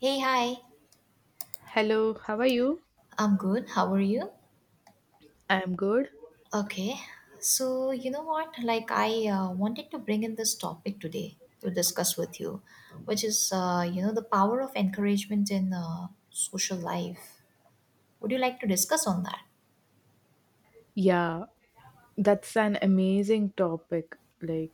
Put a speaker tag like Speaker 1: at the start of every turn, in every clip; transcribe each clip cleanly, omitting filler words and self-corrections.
Speaker 1: Hey, hi.
Speaker 2: Hello, how are you?
Speaker 1: I'm good. How are you?
Speaker 2: I'm good.
Speaker 1: Okay. So, you know what? Like, I wanted to bring in this topic today to discuss with you, which is, the power of encouragement in social life. Would you like to discuss on that?
Speaker 2: Yeah, that's an amazing topic.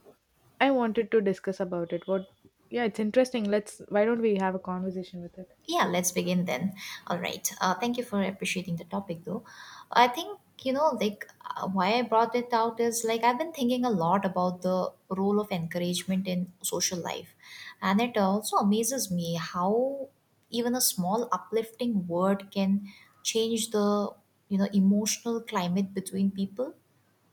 Speaker 2: I wanted to discuss about it. What? Yeah, it's interesting. Why don't we have a conversation with it?
Speaker 1: Yeah, let's begin then. All right. Thank you for appreciating the topic, though. I think, like why I brought it out is like I've been thinking a lot about the role of encouragement in social life. And it also amazes me how even a small uplifting word can change the, emotional climate between people.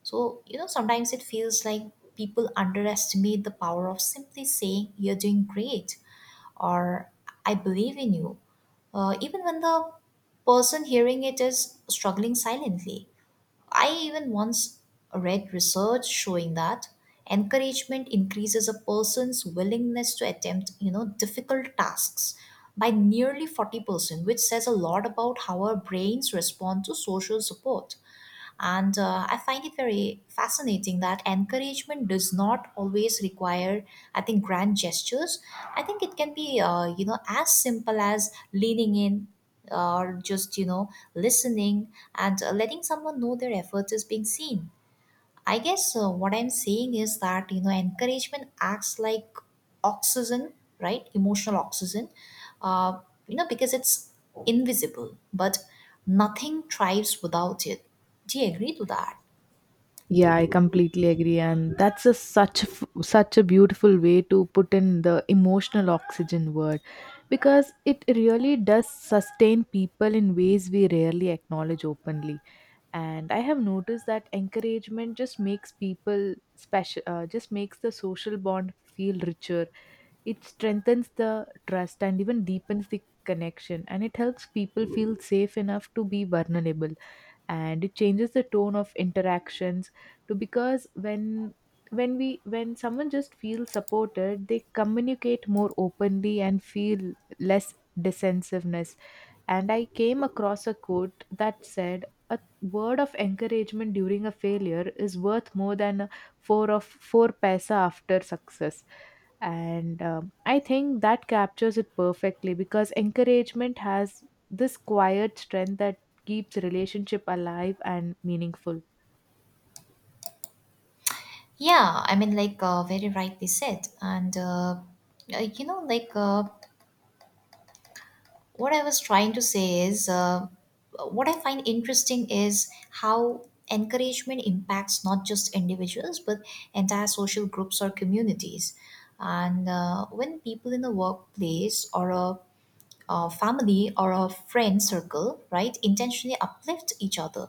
Speaker 1: So, sometimes it feels like people underestimate the power of simply saying, "You're doing great," or "I believe in you," even when the person hearing it is struggling silently. I even once read research showing that encouragement increases a person's willingness to attempt, difficult tasks by nearly 40%, which says a lot about how our brains respond to social support. And I find it very fascinating that encouragement does not always require, I think, grand gestures. I think it can be, as simple as leaning in or just, listening and letting someone know their effort is being seen. I guess what I'm saying is that encouragement acts like oxygen, right? Emotional oxygen, uh, because it's invisible, but nothing thrives without it. Do you agree to that?
Speaker 2: Yeah, I completely agree, and that's a such a f- such a beautiful way to put in the emotional oxygen word, because it really does sustain people in ways we rarely acknowledge openly. And I have noticed that encouragement just makes people special, just makes the social bond feel richer. It strengthens the trust and even deepens the connection, and it helps people feel safe enough to be vulnerable. And it changes the tone of interactions to because when someone just feels supported, they communicate more openly and feel less defensiveness. And I came across a quote that said, "A word of encouragement during a failure is worth more than a four paisa after success." And I think that captures it perfectly, because encouragement has this quiet strength that keeps relationship alive and meaningful.
Speaker 1: Yeah, I mean, like very rightly said, and like. What I was trying to say is, what I find interesting is how encouragement impacts not just individuals but entire social groups or communities. And when people in a workplace or a family or a friend circle, right, intentionally uplift each other,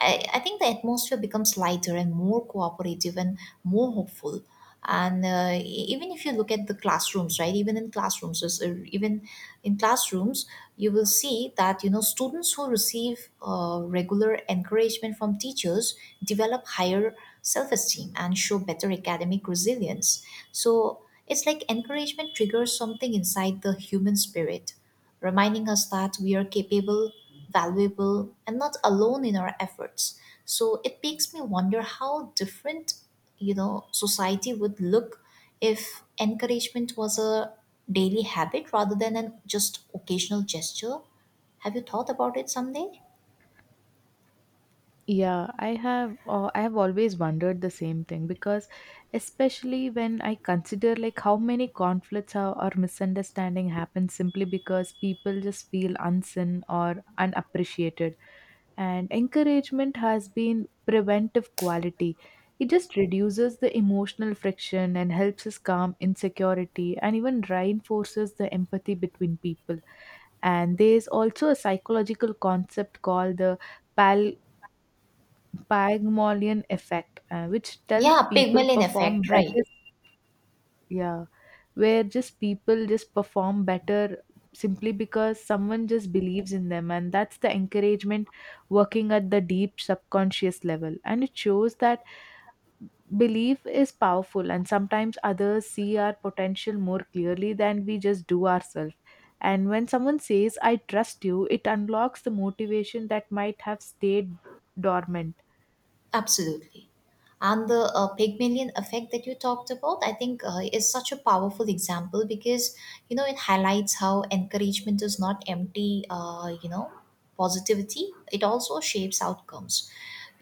Speaker 1: I think the atmosphere becomes lighter and more cooperative and more hopeful. And even if you look at the classrooms, right, even in classrooms, in classrooms, you will see that students who receive regular encouragement from teachers develop higher self-esteem and show better academic resilience. So it's like encouragement triggers something inside the human spirit, reminding us that we are capable, valuable, and not alone in our efforts. So it makes me wonder how different, society would look if encouragement was a daily habit rather than an just occasional gesture. Have you thought about it someday?
Speaker 2: Yeah, I have always wondered the same thing, because especially when I consider like how many conflicts or misunderstanding happen simply because people just feel unseen or unappreciated, and encouragement has been preventive quality. It just reduces the emotional friction and helps us calm insecurity and even reinforces the empathy between people. And there is also a psychological concept called the Pygmalion effect, which tells
Speaker 1: Yeah,
Speaker 2: people
Speaker 1: Pygmalion
Speaker 2: perform
Speaker 1: effect, right?
Speaker 2: better. Yeah, where just people just perform better simply because someone just believes in them, and that's the encouragement working at the deep subconscious level. And it shows that belief is powerful, and sometimes others see our potential more clearly than we just do ourselves. And when someone says, I trust you, it unlocks the motivation that might have stayed dormant.
Speaker 1: Absolutely. And the Pygmalion effect that you talked about, I think, is such a powerful example because, it highlights how encouragement is not empty, positivity. It also shapes outcomes.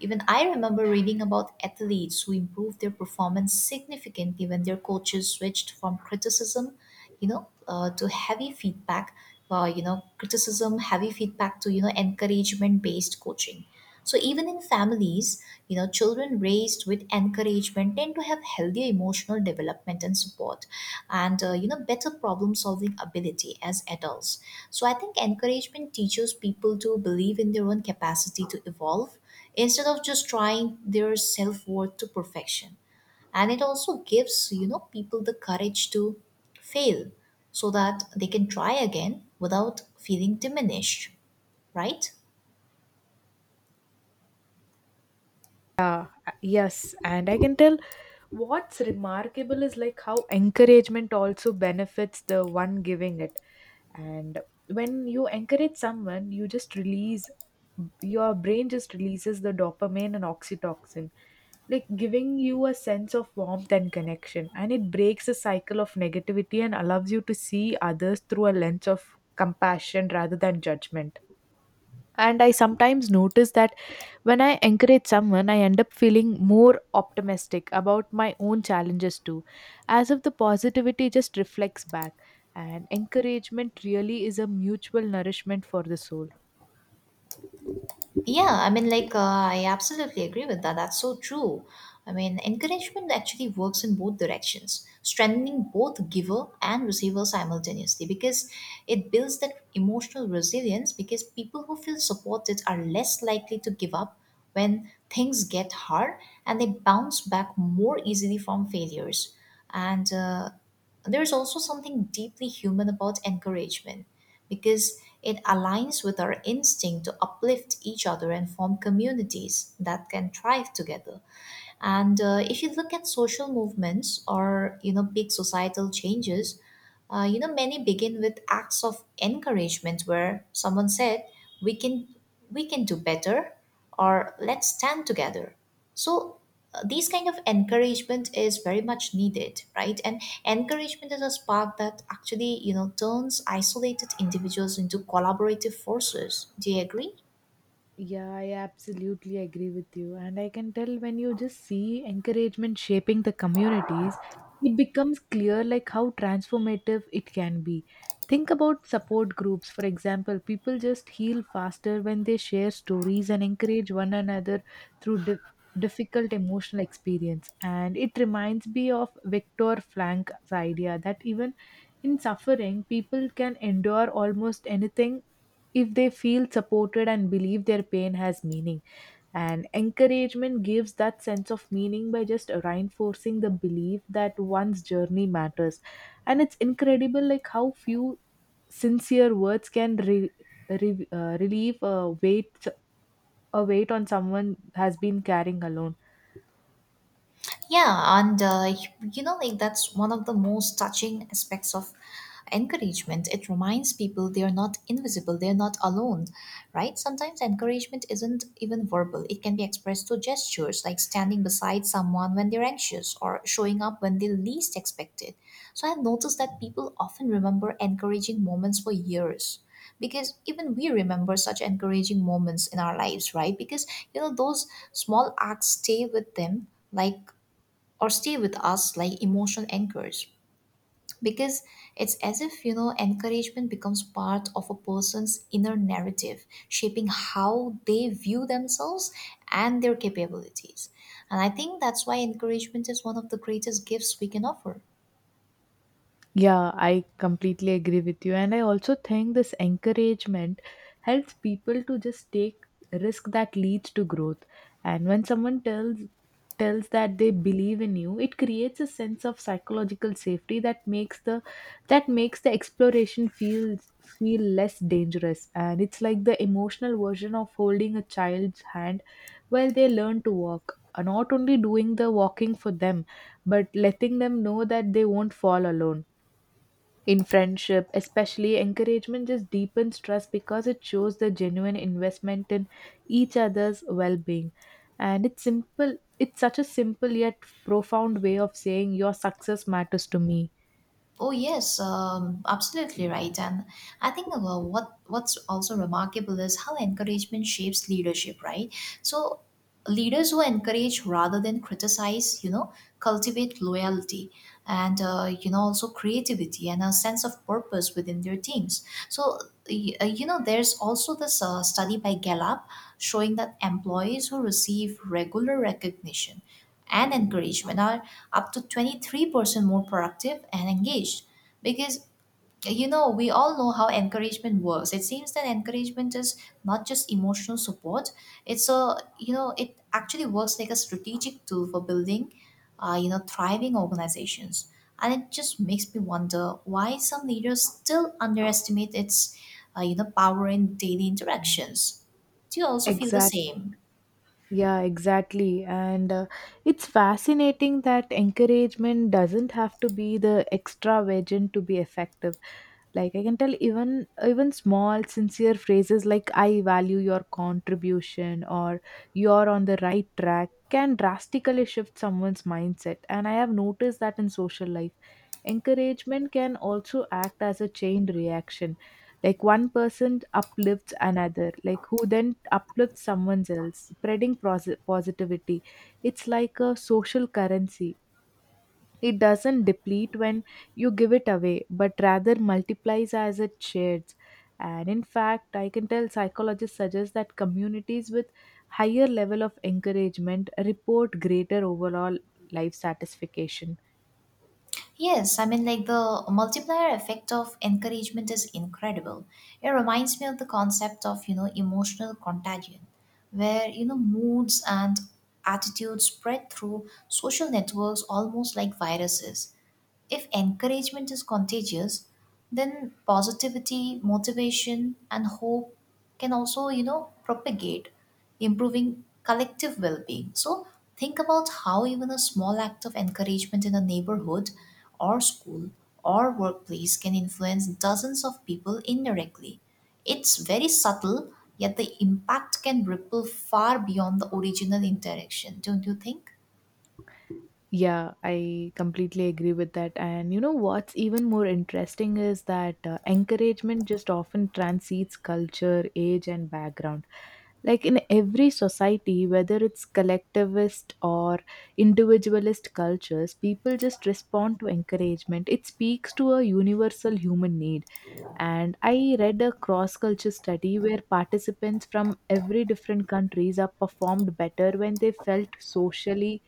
Speaker 1: Even I remember reading about athletes who improved their performance significantly when their coaches switched from criticism, to heavy feedback, criticism, heavy feedback to, encouragement based coaching. So even in families, children raised with encouragement tend to have healthier emotional development and support, and better problem-solving ability as adults. So I think encouragement teaches people to believe in their own capacity to evolve instead of just trying their self-worth to perfection, and it also gives people the courage to fail so that they can try again without feeling diminished, right?
Speaker 2: Yeah, yes, and I can tell what's remarkable is like how encouragement also benefits the one giving it. And when you encourage someone, your brain just releases the dopamine and oxytocin, like giving you a sense of warmth and connection. And it breaks the cycle of negativity and allows you to see others through a lens of compassion rather than judgment. And I sometimes notice that when I encourage someone, I end up feeling more optimistic about my own challenges too, as if the positivity just reflects back. And encouragement really is a mutual nourishment for the soul.
Speaker 1: Yeah, I mean, like, I absolutely agree with that. That's so true. I mean, encouragement actually works in both directions, strengthening both giver and receiver simultaneously because it builds that emotional resilience. Because people who feel supported are less likely to give up when things get hard, and they bounce back more easily from failures. And there's also something deeply human about encouragement because it aligns with our instinct to uplift each other and form communities that can thrive together. And if you look at social movements or big societal changes, many begin with acts of encouragement where someone said, "We can do better," or "Let's stand together." So these kind of encouragement is very much needed, right? And encouragement is a spark that actually turns isolated individuals into collaborative forces. Do you agree?
Speaker 2: Yeah, I absolutely agree with you. And I can tell when you just see encouragement shaping the communities, it becomes clear like how transformative it can be. Think about support groups, for example. People just heal faster when they share stories and encourage one another through difficult emotional experience. And it reminds me of Viktor Frankl's idea that even in suffering, people can endure almost anything if they feel supported and believe their pain has meaning. And encouragement gives that sense of meaning by just reinforcing the belief that one's journey matters. And it's incredible, like how few sincere words can relieve a weight on someone has been carrying alone.
Speaker 1: Yeah, and like, that's one of the most touching aspects of encouragement. It reminds people they are not invisible, they are not alone, right? Sometimes encouragement isn't even verbal, it can be expressed through gestures, like standing beside someone when they're anxious or showing up when they least expect it. So I've noticed that people often remember encouraging moments for years because even we remember such encouraging moments in our lives, right? Because those small acts stay with them, like, or stay with us like emotional anchors, because it's as if encouragement becomes part of a person's inner narrative, shaping how they view themselves and their capabilities. And I think that's why encouragement is one of the greatest gifts we can offer.
Speaker 2: Yeah, I completely agree with you. And I also think this encouragement helps people to just take risk that leads to growth. And when someone tells that they believe in you, it creates a sense of psychological safety that makes the exploration feel less dangerous. And it's like the emotional version of holding a child's hand while they learn to walk. Not only doing the walking for them, but letting them know that they won't fall alone. In friendship, especially, encouragement just deepens trust because it shows the genuine investment in each other's well being. And it's simple, it's such a simple yet profound way of saying your success matters to me.
Speaker 1: Oh yes, absolutely right. And I think what's also remarkable is how encouragement shapes leadership, right? So leaders who encourage rather than criticize, cultivate loyalty and also creativity and a sense of purpose within their teams. So there's also this study by Gallup showing that employees who receive regular recognition and encouragement are up to 23% more productive and engaged because we all know how encouragement works. It seems that encouragement is not just emotional support, it's a, it actually works like a strategic tool for building thriving organizations. And it just makes me wonder why some leaders still underestimate its power in daily interactions. Do you also feel the
Speaker 2: Exactly.
Speaker 1: same?
Speaker 2: Yeah, exactly. And it's fascinating that encouragement doesn't have to be the extravagant to be effective. Like I can tell even small sincere phrases like I value your contribution or you're on the right track can drastically shift someone's mindset. And I have noticed that in social life. Encouragement can also act as a chain reaction, like one person uplifts another, like who then uplifts someone else, spreading positivity. It's like a social currency, it doesn't deplete when you give it away, but rather multiplies as it shares. And in fact, I can tell psychologists suggest that communities with higher level of encouragement report greater overall life satisfaction.
Speaker 1: Yes, I mean, like, the multiplier effect of encouragement is incredible. It reminds me of the concept of, emotional contagion, where, moods and attitudes spread through social networks almost like viruses. If encouragement is contagious, then positivity, motivation, and hope can also, propagate, improving collective well being. So, think about how even a small act of encouragement in a neighborhood or school or workplace can influence dozens of people indirectly. It's very subtle, yet the impact can ripple far beyond the original interaction, don't you think?
Speaker 2: Yeah, I completely agree with that. And you know what's even more interesting is that encouragement just often transcends culture, age, and background. Like in every society, whether it's collectivist or individualist cultures, people just respond to encouragement. It speaks to a universal human need. And I read a cross culture study where participants from every different countries are performed better when they felt socially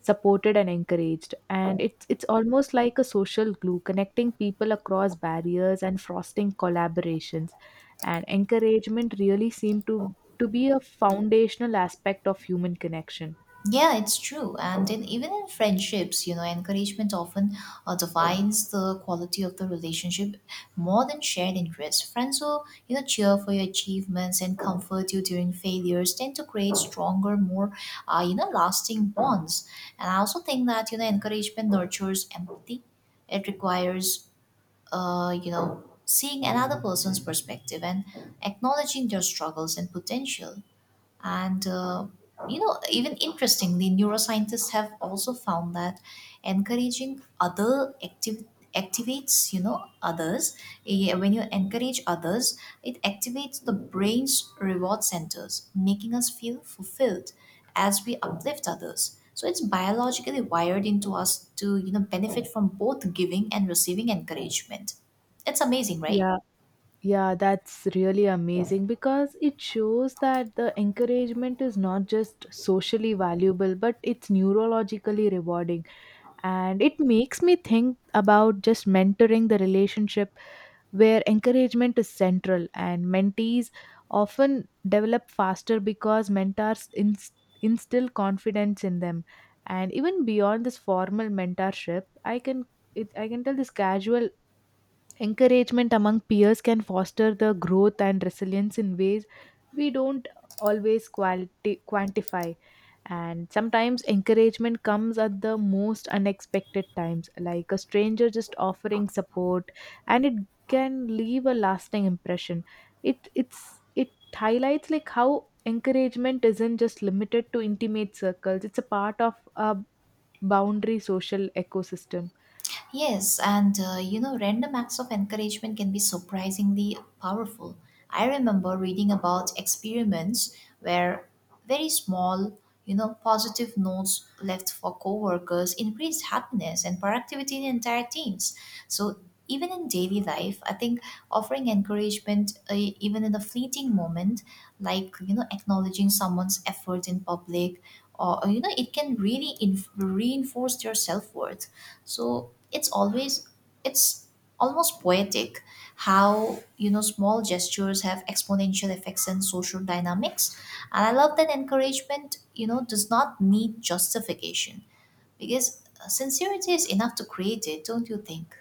Speaker 2: supported and encouraged, and it's almost like a social glue connecting people across barriers and fostering collaborations. And encouragement really seemed to be a foundational aspect of human connection.
Speaker 1: Yeah, it's true. And even in friendships, encouragement often defines the quality of the relationship more than shared interests. Friends who, cheer for your achievements and comfort you during failures tend to create stronger, more, lasting bonds. And I also think that, encouragement nurtures empathy. It requires, seeing another person's perspective and acknowledging their struggles and potential. And, even interestingly, neuroscientists have also found that encouraging other activates, others. When you encourage others, it activates the brain's reward centers, making us feel fulfilled as we uplift others. So it's biologically wired into us to, benefit from both giving and receiving encouragement. It's amazing, right?
Speaker 2: Yeah, yeah, that's really amazing because it shows that the encouragement is not just socially valuable, but it's neurologically rewarding. And it makes me think about just mentoring the relationship, where encouragement is central, and mentees often develop faster because mentors instill confidence in them. And even beyond this formal mentorship, I can tell this casual encouragement among peers can foster the growth and resilience in ways we don't always quantify. And sometimes encouragement comes at the most unexpected times, like a stranger just offering support, and it can leave a lasting impression. It it's it highlights like how encouragement isn't just limited to intimate circles, it's a part of a boundary social ecosystem.
Speaker 1: Yes, and random acts of encouragement can be surprisingly powerful. I remember reading about experiments where very small, positive notes left for coworkers increased happiness and productivity in entire teams. So even in daily life, I think offering encouragement, even in a fleeting moment, like, acknowledging someone's effort in public, or, it can really reinforce their self worth. So it's almost poetic how, small gestures have exponential effects in social dynamics. And I love that encouragement, does not need justification because sincerity is enough to create it, don't you think?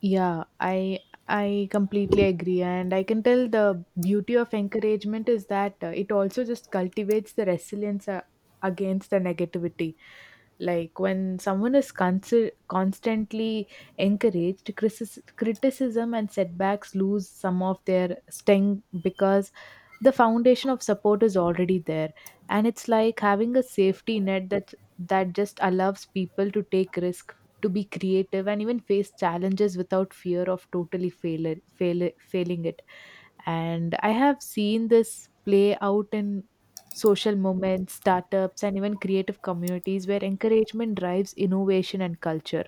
Speaker 2: Yeah, I completely agree, and I can tell the beauty of encouragement is that it also just cultivates the resilience against the negativity. Like when someone is constantly encouraged, criticism and setbacks lose some of their sting because the foundation of support is already there. And it's like having a safety net that just allows people to take risk, to be creative, and even face challenges without fear of totally failing it. And I have seen this play out in social movements, startups, and even creative communities where encouragement drives innovation and culture.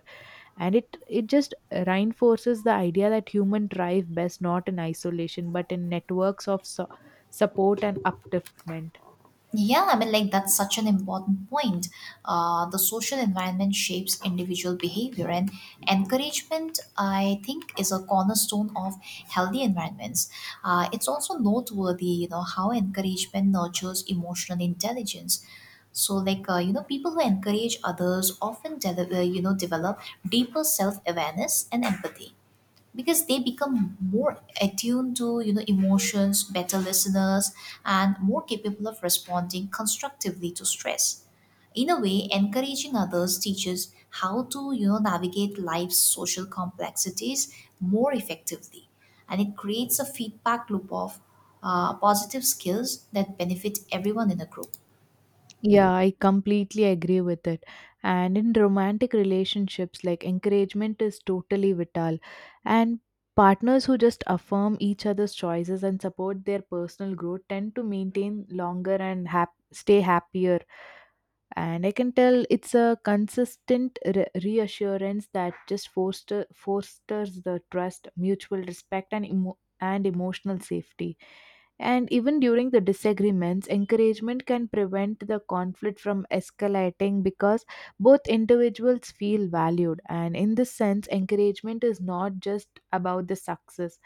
Speaker 2: And it just reinforces the idea that human thrive best not in isolation but in networks of support and upliftment.
Speaker 1: Yeah, I mean, like, that's such an important point. The social environment shapes individual behavior, and encouragement, I think, is a cornerstone of healthy environments. It's also noteworthy, how encouragement nurtures emotional intelligence. So, like people who encourage others often, develop deeper self-awareness and empathy, because they become more attuned to emotions, better listeners, and more capable of responding constructively to stress. In a way, encouraging others teaches how to navigate life's social complexities more effectively, and it creates a feedback loop of positive skills that benefit everyone in a group.
Speaker 2: Yeah, I completely agree with it. And in romantic relationships, like encouragement is totally vital. And partners who just affirm each other's choices and support their personal growth tend to maintain longer and stay happier. And I can tell it's a consistent reassurance that just fosters the trust, mutual respect, and emotional safety. And even during the disagreements, encouragement can prevent the conflict from escalating because both individuals feel valued. And in this sense, encouragement is not just about the success,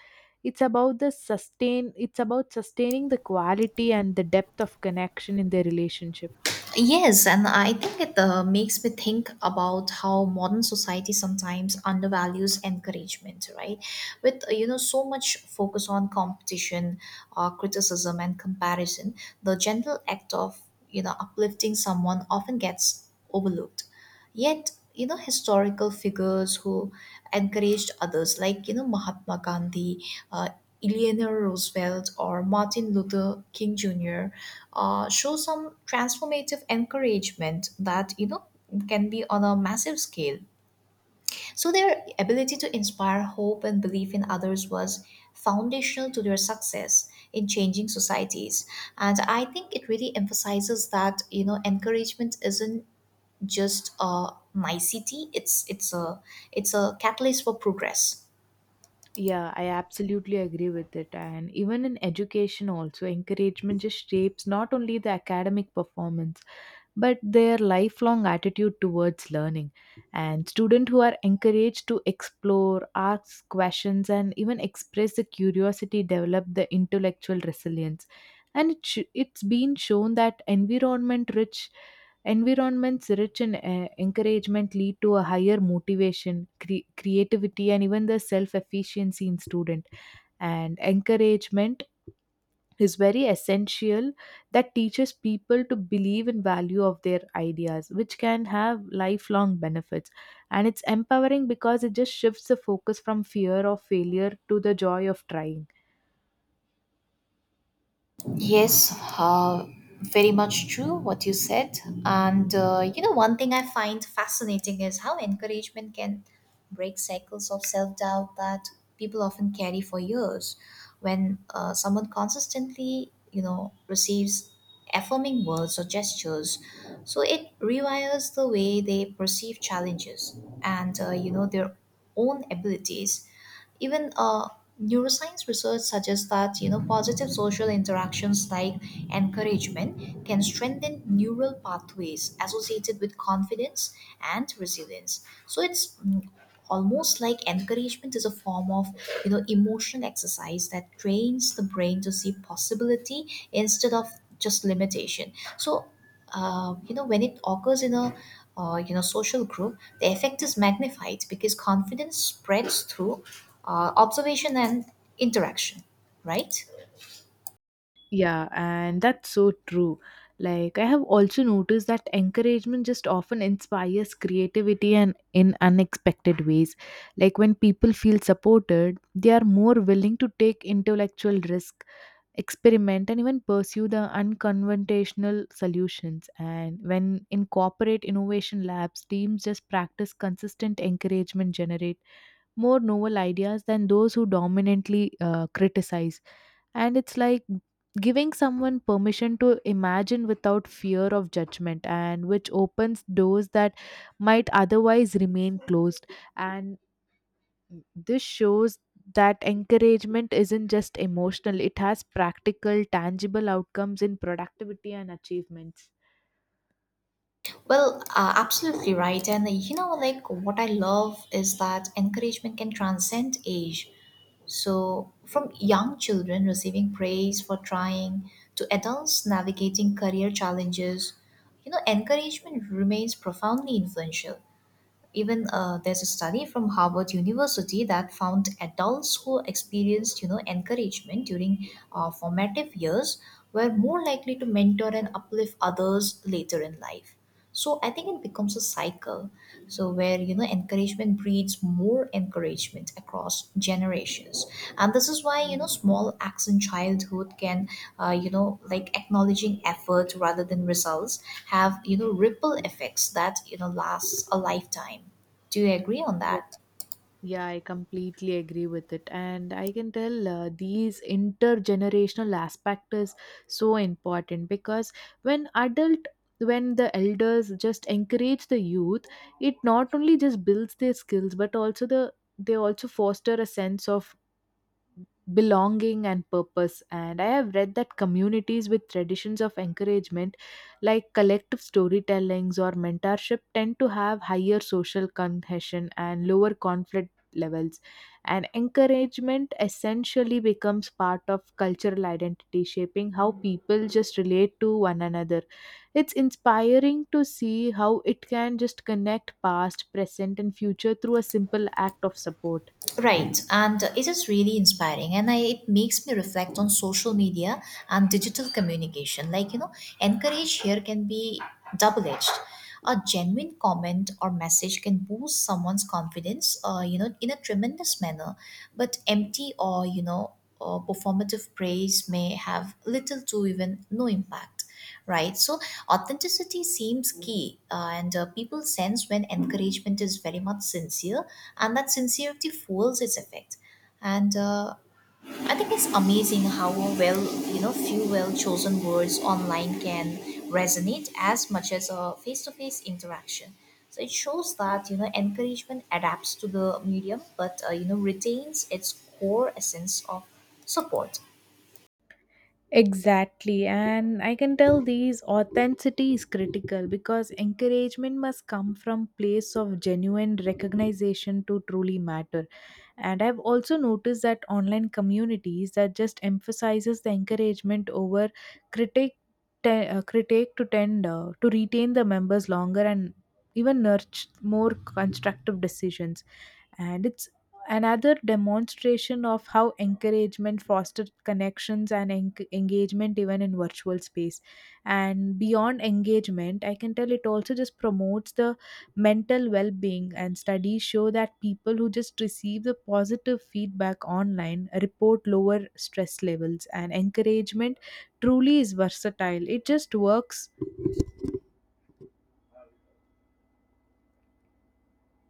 Speaker 2: it's about sustaining the quality and the depth of connection in their relationship.
Speaker 1: Yes, and I think it makes me think about how modern society sometimes undervalues encouragement, right? With so much focus on competition, criticism, and comparison, the gentle act of uplifting someone often gets overlooked. Yet, historical figures who encouraged others, like, Mahatma Gandhi, uh, Eleanor Roosevelt, or Martin Luther King Jr., show some transformative encouragement that, can be on a massive scale. So, their ability to inspire hope and belief in others was foundational to their success in changing societies. And I think it really emphasizes that, encouragement isn't just a nicety. It's a catalyst for progress.
Speaker 2: Yeah, I absolutely agree with it. And even in education, also, encouragement just shapes not only the academic performance, but their lifelong attitude towards learning. And students who are encouraged to explore, ask questions, and even express the curiosity develop the intellectual resilience. And it's been shown that environments rich in encouragement lead to a higher motivation, creativity, and even the self efficiency in student. And encouragement is very essential that teaches people to believe in value of their ideas, which can have lifelong benefits. And it's empowering because it just shifts the focus from fear of failure to the joy of trying.
Speaker 1: Yes, very much true what you said. And one thing I find fascinating is how encouragement can break cycles of self doubt that people often carry for years. When someone consistently, receives affirming words or gestures, so it rewires the way they perceive challenges and, their own abilities. Even neuroscience research suggests that positive social interactions like encouragement can strengthen neural pathways associated with confidence and resilience. So it's, almost like encouragement is a form of emotional exercise that trains the brain to see possibility instead of just limitation. So when it occurs in a social group, the effect is magnified because confidence spreads through observation and interaction, right?
Speaker 2: Yeah, and that's so true. Like, I have also noticed that encouragement just often inspires creativity and in unexpected ways. Like, when people feel supported, they are more willing to take intellectual risk, experiment, and even pursue the unconventional solutions. And when in corporate innovation labs, teams just practice consistent encouragement, generate more novel ideas than those who dominantly criticize. And it's like giving someone permission to imagine without fear of judgment, and which opens doors that might otherwise remain closed. And this shows that encouragement isn't just emotional, it has practical tangible outcomes in productivity and achievements.
Speaker 1: Well, absolutely right. And like, like what I love is that encouragement can transcend age. So, from young children receiving praise for trying to adults navigating career challenges, encouragement remains profoundly influential. Even there's a study from Harvard University that found adults who experienced, encouragement during formative years were more likely to mentor and uplift others later in life. So I think it becomes a cycle, so where encouragement breeds more encouragement across generations. And this is why, small acts in childhood can, like acknowledging effort rather than results, have ripple effects that lasts a lifetime. Do you agree on that?
Speaker 2: Yeah, I completely agree with it. And I can tell these intergenerational aspect is so important because when adult when the elders just encourage the youth, it not only just builds their skills but also they also foster a sense of belonging and purpose. And I have read that communities with traditions of encouragement, like collective storytellings or mentorship, tend to have higher social cohesion and lower conflict levels. And encouragement essentially becomes part of cultural identity, shaping how people just relate to one another. It's inspiring to see how it can just connect past, present, and future through a simple act of support.
Speaker 1: Right, and it is really inspiring, and it makes me reflect on social media and digital communication. Like, encourage here can be double edged. A genuine comment or message can boost someone's confidence, in a tremendous manner, but empty or, performative praise may have little to even no impact. Right. So authenticity seems key, and people sense when encouragement is very much sincere, and that sincerity fuels its effect. And I think it's amazing how well, few well chosen words online can resonate as much as a face to face interaction. So it shows that, encouragement adapts to the medium, but, retains its core essence of support.
Speaker 2: Exactly, and I can tell these authenticity is critical because encouragement must come from place of genuine recognition to truly matter. And I've also noticed that online communities that just emphasizes the encouragement over critique, te- critique to tend to retain the members longer and even nurture more constructive decisions. And it's another demonstration of how encouragement fosters connections and engagement even in virtual space. And beyond engagement, I can tell it also just promotes the mental well-being. And studies show that people who just receive the positive feedback online report lower stress levels, and encouragement truly is versatile, it just works.